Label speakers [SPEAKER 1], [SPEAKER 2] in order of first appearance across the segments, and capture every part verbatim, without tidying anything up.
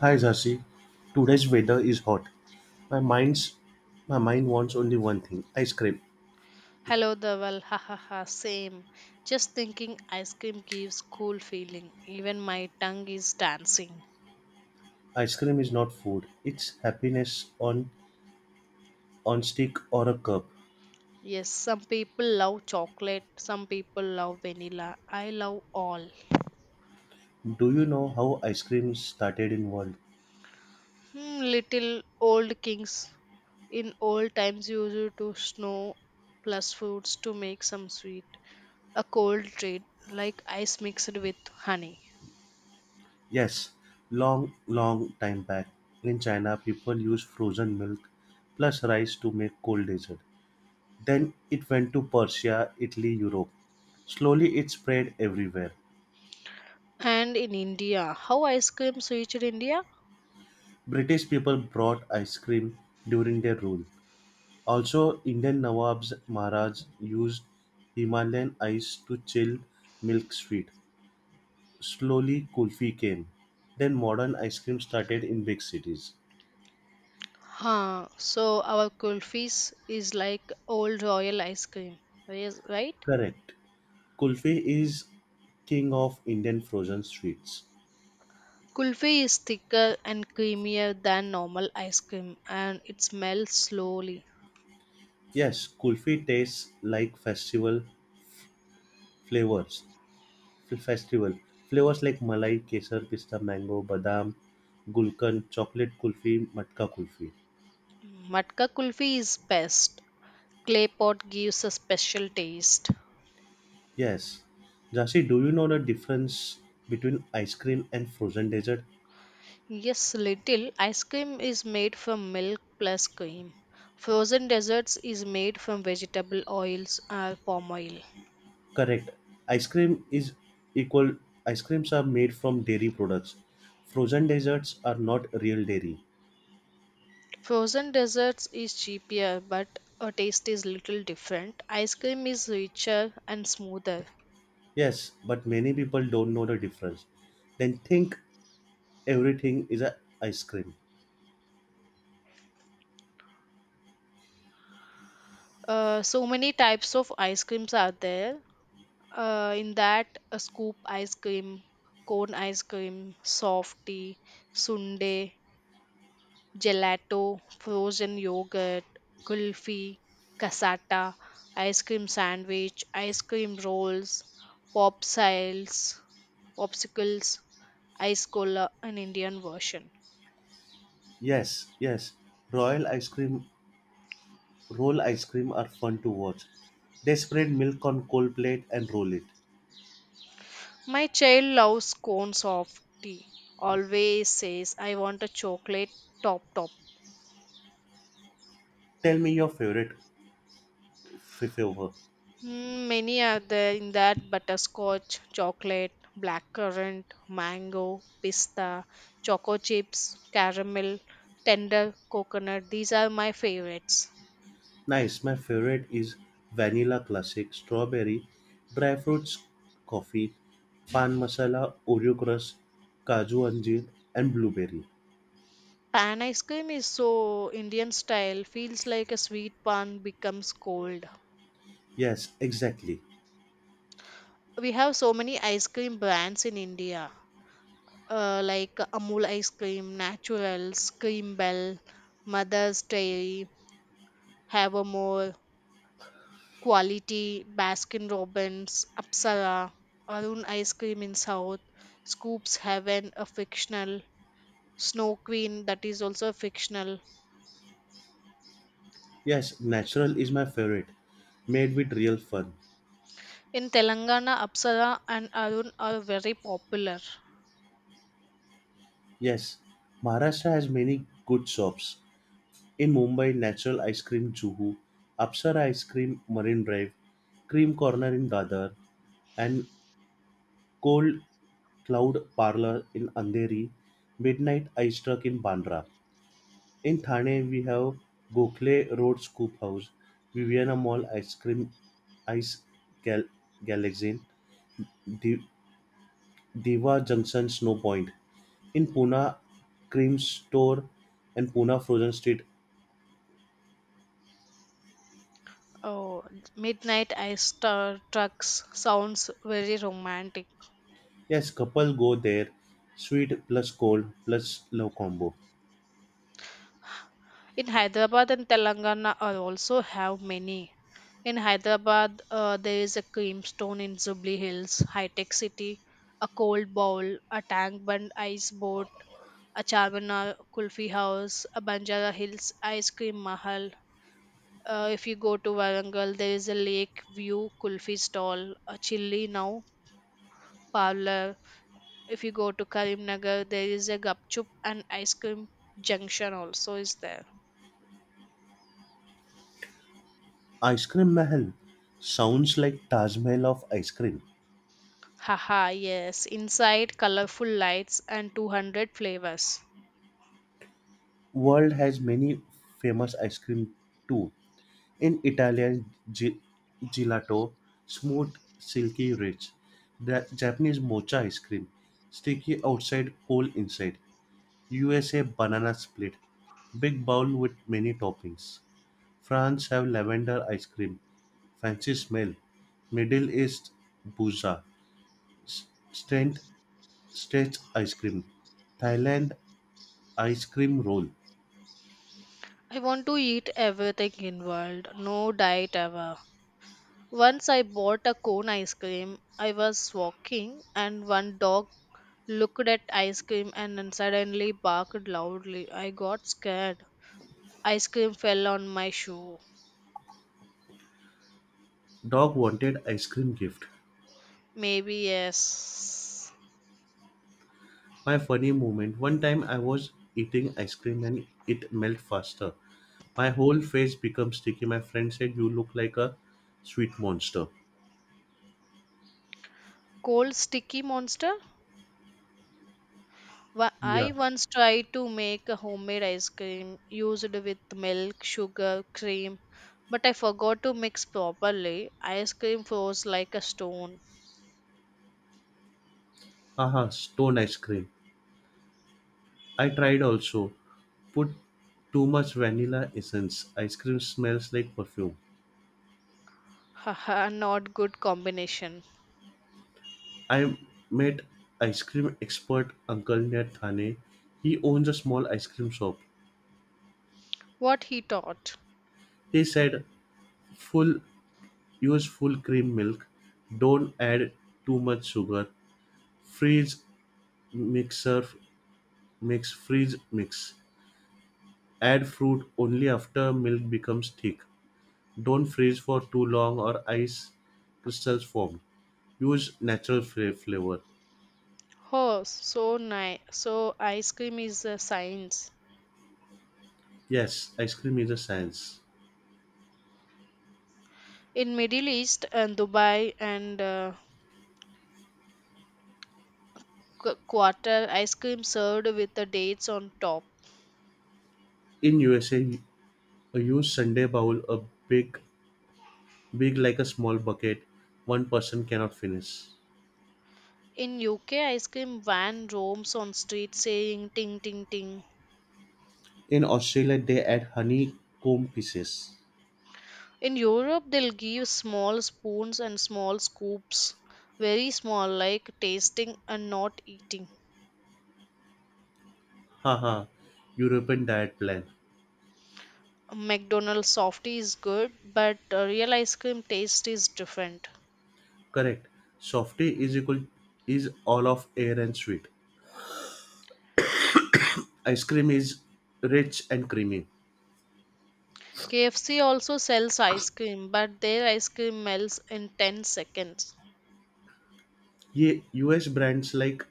[SPEAKER 1] Hi Zasi, today's weather is hot. My mind's my mind wants only one thing: ice cream.
[SPEAKER 2] Hello, Dhaval. Ha ha ha. Same. Just thinking ice cream gives cool feeling. Even my tongue is dancing.
[SPEAKER 1] Ice cream is not food; it's happiness on on stick or a cup.
[SPEAKER 2] Yes, some people love chocolate, some people love vanilla. I love all.
[SPEAKER 1] Do you know how ice cream started in world?
[SPEAKER 2] Hmm, little old kings. In old times, used to snow plus fruits to make some sweet. A cold treat like ice mixed with honey.
[SPEAKER 1] Yes, long long time back in China, people used frozen milk plus rice to make cold dessert. Then it went to Persia, Italy, Europe. Slowly it spread everywhere.
[SPEAKER 2] And in India, how ice cream reached India?
[SPEAKER 1] British people brought ice cream during their rule. Also, Indian Nawabs Maharaj used Himalayan ice to chill milk sweet. Slowly, kulfi came. Then modern ice cream started in big cities.
[SPEAKER 2] Huh. So our kulfis is like old royal ice cream, yes, right?
[SPEAKER 1] Correct. Kulfi is king of Indian frozen sweets.
[SPEAKER 2] Kulfi is thicker and creamier than normal ice cream, and it smells slowly.
[SPEAKER 1] Yes, kulfi tastes like festival flavors. F- Festival flavors like malai, kesar, pista, mango, badam, gulkan, chocolate kulfi, matka kulfi.
[SPEAKER 2] Matka kulfi is best. Clay pot gives a special taste.
[SPEAKER 1] Yes. Jasi, do you know the difference between ice cream and frozen dessert?
[SPEAKER 2] Yes, little ice cream is made from milk plus cream. Frozen desserts is made from vegetable oils or palm oil.
[SPEAKER 1] Correct. Ice cream is equal Ice creams are made from dairy products. Frozen desserts are not real dairy.
[SPEAKER 2] Frozen desserts is cheaper, but a taste is little different. Ice cream is richer and smoother.
[SPEAKER 1] Yes, but many people don't know the difference. Then think everything is a ice cream.
[SPEAKER 2] Uh, so many types of ice creams are there. Uh, in that, a scoop ice cream, cone ice cream, softy, sundae, gelato, frozen yogurt, kulfi, cassata, ice cream sandwich, ice cream rolls, pop siles, popsicles, ice cola, an Indian version.
[SPEAKER 1] Yes, yes. Royal ice cream Roll ice cream are fun to watch. They spread milk on cold plate and roll it.
[SPEAKER 2] My child loves cones of tea. Always says, I want a chocolate top top.
[SPEAKER 1] Tell me your favorite f- flavor.
[SPEAKER 2] Mm, Many are there in that butterscotch, chocolate, blackcurrant, mango, pista, choco chips, caramel, tender coconut. These are my favorites.
[SPEAKER 1] Nice. My favorite is vanilla classic, strawberry, dry fruits coffee, pan masala, Oreo crust, kaju anjeer, and blueberry.
[SPEAKER 2] Pan ice cream is so Indian style, feels like a sweet pan becomes cold.
[SPEAKER 1] Yes, exactly.
[SPEAKER 2] We have so many ice cream brands in India. Uh, like Amul ice cream, Naturals, Cream Bell, Mother's Dairy, Havamore, Quality, Baskin Robbins, Apsara, Arun Ice Cream in South, Scoops Heaven, a fictional, Snow Queen, that is also a fictional.
[SPEAKER 1] Yes, natural is my favorite, made with real fun.
[SPEAKER 2] In Telangana, Apsara and Arun are very popular.
[SPEAKER 1] Yes, Maharashtra has many good shops. In Mumbai, Natural Ice Cream Juhu, Apsara Ice Cream Marine Drive, Cream Corner in Dadar, and Cold Cloud Parlour in Andheri, Midnight Eye Struck in Bandra. In Thane, we have Gokhale Road Scoop House, Viviana Mall Ice Cream Ice Gal- Galaxin, Di- Diva Junction Snow Point. In Pune, Cream Store and Pune Frozen Street.
[SPEAKER 2] Oh, midnight ice star trucks sounds very romantic.
[SPEAKER 1] Yes, couple go there. Sweet plus cold plus love combo.
[SPEAKER 2] In Hyderabad and Telangana are also have many. In Hyderabad, uh, there is a creamstone in Jubilee Hills, High Tech City, a cold bowl, a tank bund ice boat, a Charminar Kulfi House, a Banjara Hills Ice Cream Mahal. Uh, if you go to Warangal, there is a Lake View Kulfi stall, a Chilli Now parlor. If you go to Karimnagar, there is a Gupchup and Ice Cream Junction also is there.
[SPEAKER 1] Ice Cream Mahal sounds like Taj Mahal of ice cream.
[SPEAKER 2] Haha, yes. Inside colorful lights and two hundred flavors.
[SPEAKER 1] World has many famous ice cream too. In Italian ge- gelato, smooth, silky, rich. The Japanese mocha ice cream, sticky outside, cool inside. U S A banana split, big bowl with many toppings. France have lavender ice cream, fancy smell. Middle East buza, s- strength stretch ice cream. Thailand ice cream roll.
[SPEAKER 2] I want to eat everything in world, no diet ever. Once I bought a cone ice cream. I was walking and one dog looked at ice cream and then suddenly barked loudly. I got scared. Ice cream fell on my shoe.
[SPEAKER 1] Dog wanted ice cream gift.
[SPEAKER 2] Maybe yes.
[SPEAKER 1] My funny moment. One time I was eating ice cream and it melted faster. My whole face became sticky. My friend said, "You look like a sweet monster."
[SPEAKER 2] Cold sticky monster? Wha- I
[SPEAKER 1] Yeah.
[SPEAKER 2] once tried to make a homemade ice cream used with milk, sugar, cream, but I forgot to mix properly. Ice cream froze like a stone.
[SPEAKER 1] Haha, stone ice cream. I tried also. Put too much vanilla essence. Ice cream smells like perfume.
[SPEAKER 2] Haha, not good combination.
[SPEAKER 1] I met ice cream expert uncle near Thane. He owns a small ice cream shop.
[SPEAKER 2] What he taught.
[SPEAKER 1] He said, "Full use full cream milk. Don't add too much sugar. Freeze mixer mix freeze mix. Add fruit only after milk becomes thick. Don't freeze for too long or ice crystals form. Use natural fra- flavor."
[SPEAKER 2] Oh, so nice. So ice cream is a science.
[SPEAKER 1] Yes, ice cream is a science.
[SPEAKER 2] In Middle East and Dubai and uh, Q- Qatar, ice cream served with the dates on top.
[SPEAKER 1] In U S A, a huge Sunday bowl, a big, big like a small bucket, one person cannot finish.
[SPEAKER 2] In U K, ice cream van roams on street saying ting ting ting.
[SPEAKER 1] In Australia, they add honeycomb pieces.
[SPEAKER 2] In Europe, they'll give small spoons and small scoops, very small, like tasting and not eating.
[SPEAKER 1] Haha, European diet plan.
[SPEAKER 2] McDonald's softy is good, but uh, real ice cream taste is different.
[SPEAKER 1] Correct. Softy is equal is all of air and sweet. Ice cream is rich and creamy.
[SPEAKER 2] K F C also sells ice cream, but their ice cream melts in ten seconds.
[SPEAKER 1] Ye U S brands like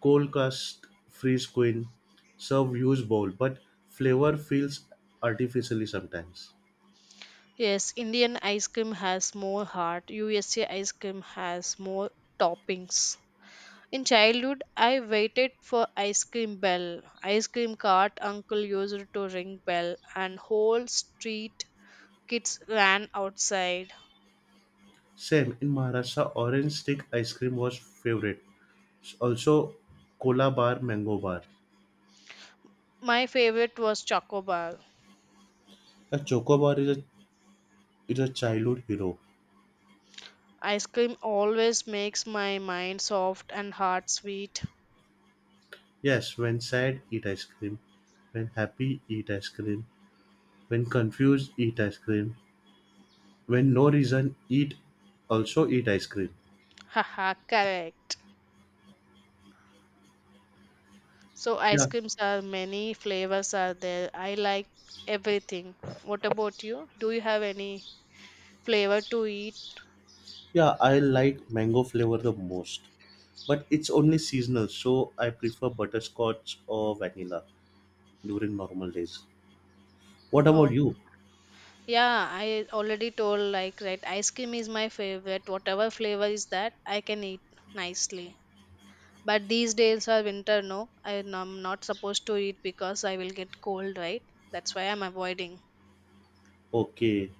[SPEAKER 1] Cold Cast Freeze Queen serve use bowl, but flavor feels artificially sometimes.
[SPEAKER 2] Yes, Indian ice cream has more heart, U S A ice cream has more toppings. In childhood, I waited for ice cream bell. Ice cream cart uncle used to ring bell, and whole street kids ran outside.
[SPEAKER 1] Same in Maharashtra, orange stick ice cream was favorite. S- Also, cola bar, mango bar.
[SPEAKER 2] My favorite was chocobar.
[SPEAKER 1] A choco bar is a is a childhood hero.
[SPEAKER 2] Ice cream always makes my mind soft and heart sweet.
[SPEAKER 1] Yes, when sad, eat ice cream. When happy, eat ice cream. When confused, eat ice cream. When no reason, eat also eat ice cream.
[SPEAKER 2] Haha, correct. So ice
[SPEAKER 1] Yeah,
[SPEAKER 2] creams are many flavors are there. I like everything. What about you? Do you have any flavor to eat?
[SPEAKER 1] yeah, I like mango flavor the most, but it's only seasonal, so I prefer butterscotch or vanilla during normal days. What about
[SPEAKER 2] Oh,
[SPEAKER 1] you?
[SPEAKER 2] yeah, I already told like right ice cream is my favorite whatever flavor is that I can eat nicely. But these days are winter no I am not supposed to eat because I will get cold right that's why I'm avoiding.
[SPEAKER 1] Okay,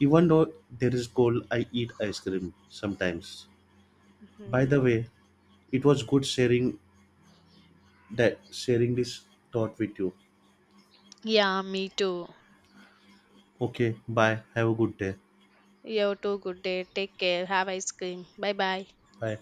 [SPEAKER 1] even though there is cold, I eat ice cream sometimes. By the
[SPEAKER 2] Hmm.
[SPEAKER 1] way, it was good sharing that sharing this thought with you.
[SPEAKER 2] Yeah, me too.
[SPEAKER 1] Okay, bye. Have a good day.
[SPEAKER 2] You too, good day, take care, have ice cream, bye bye.
[SPEAKER 1] Bye.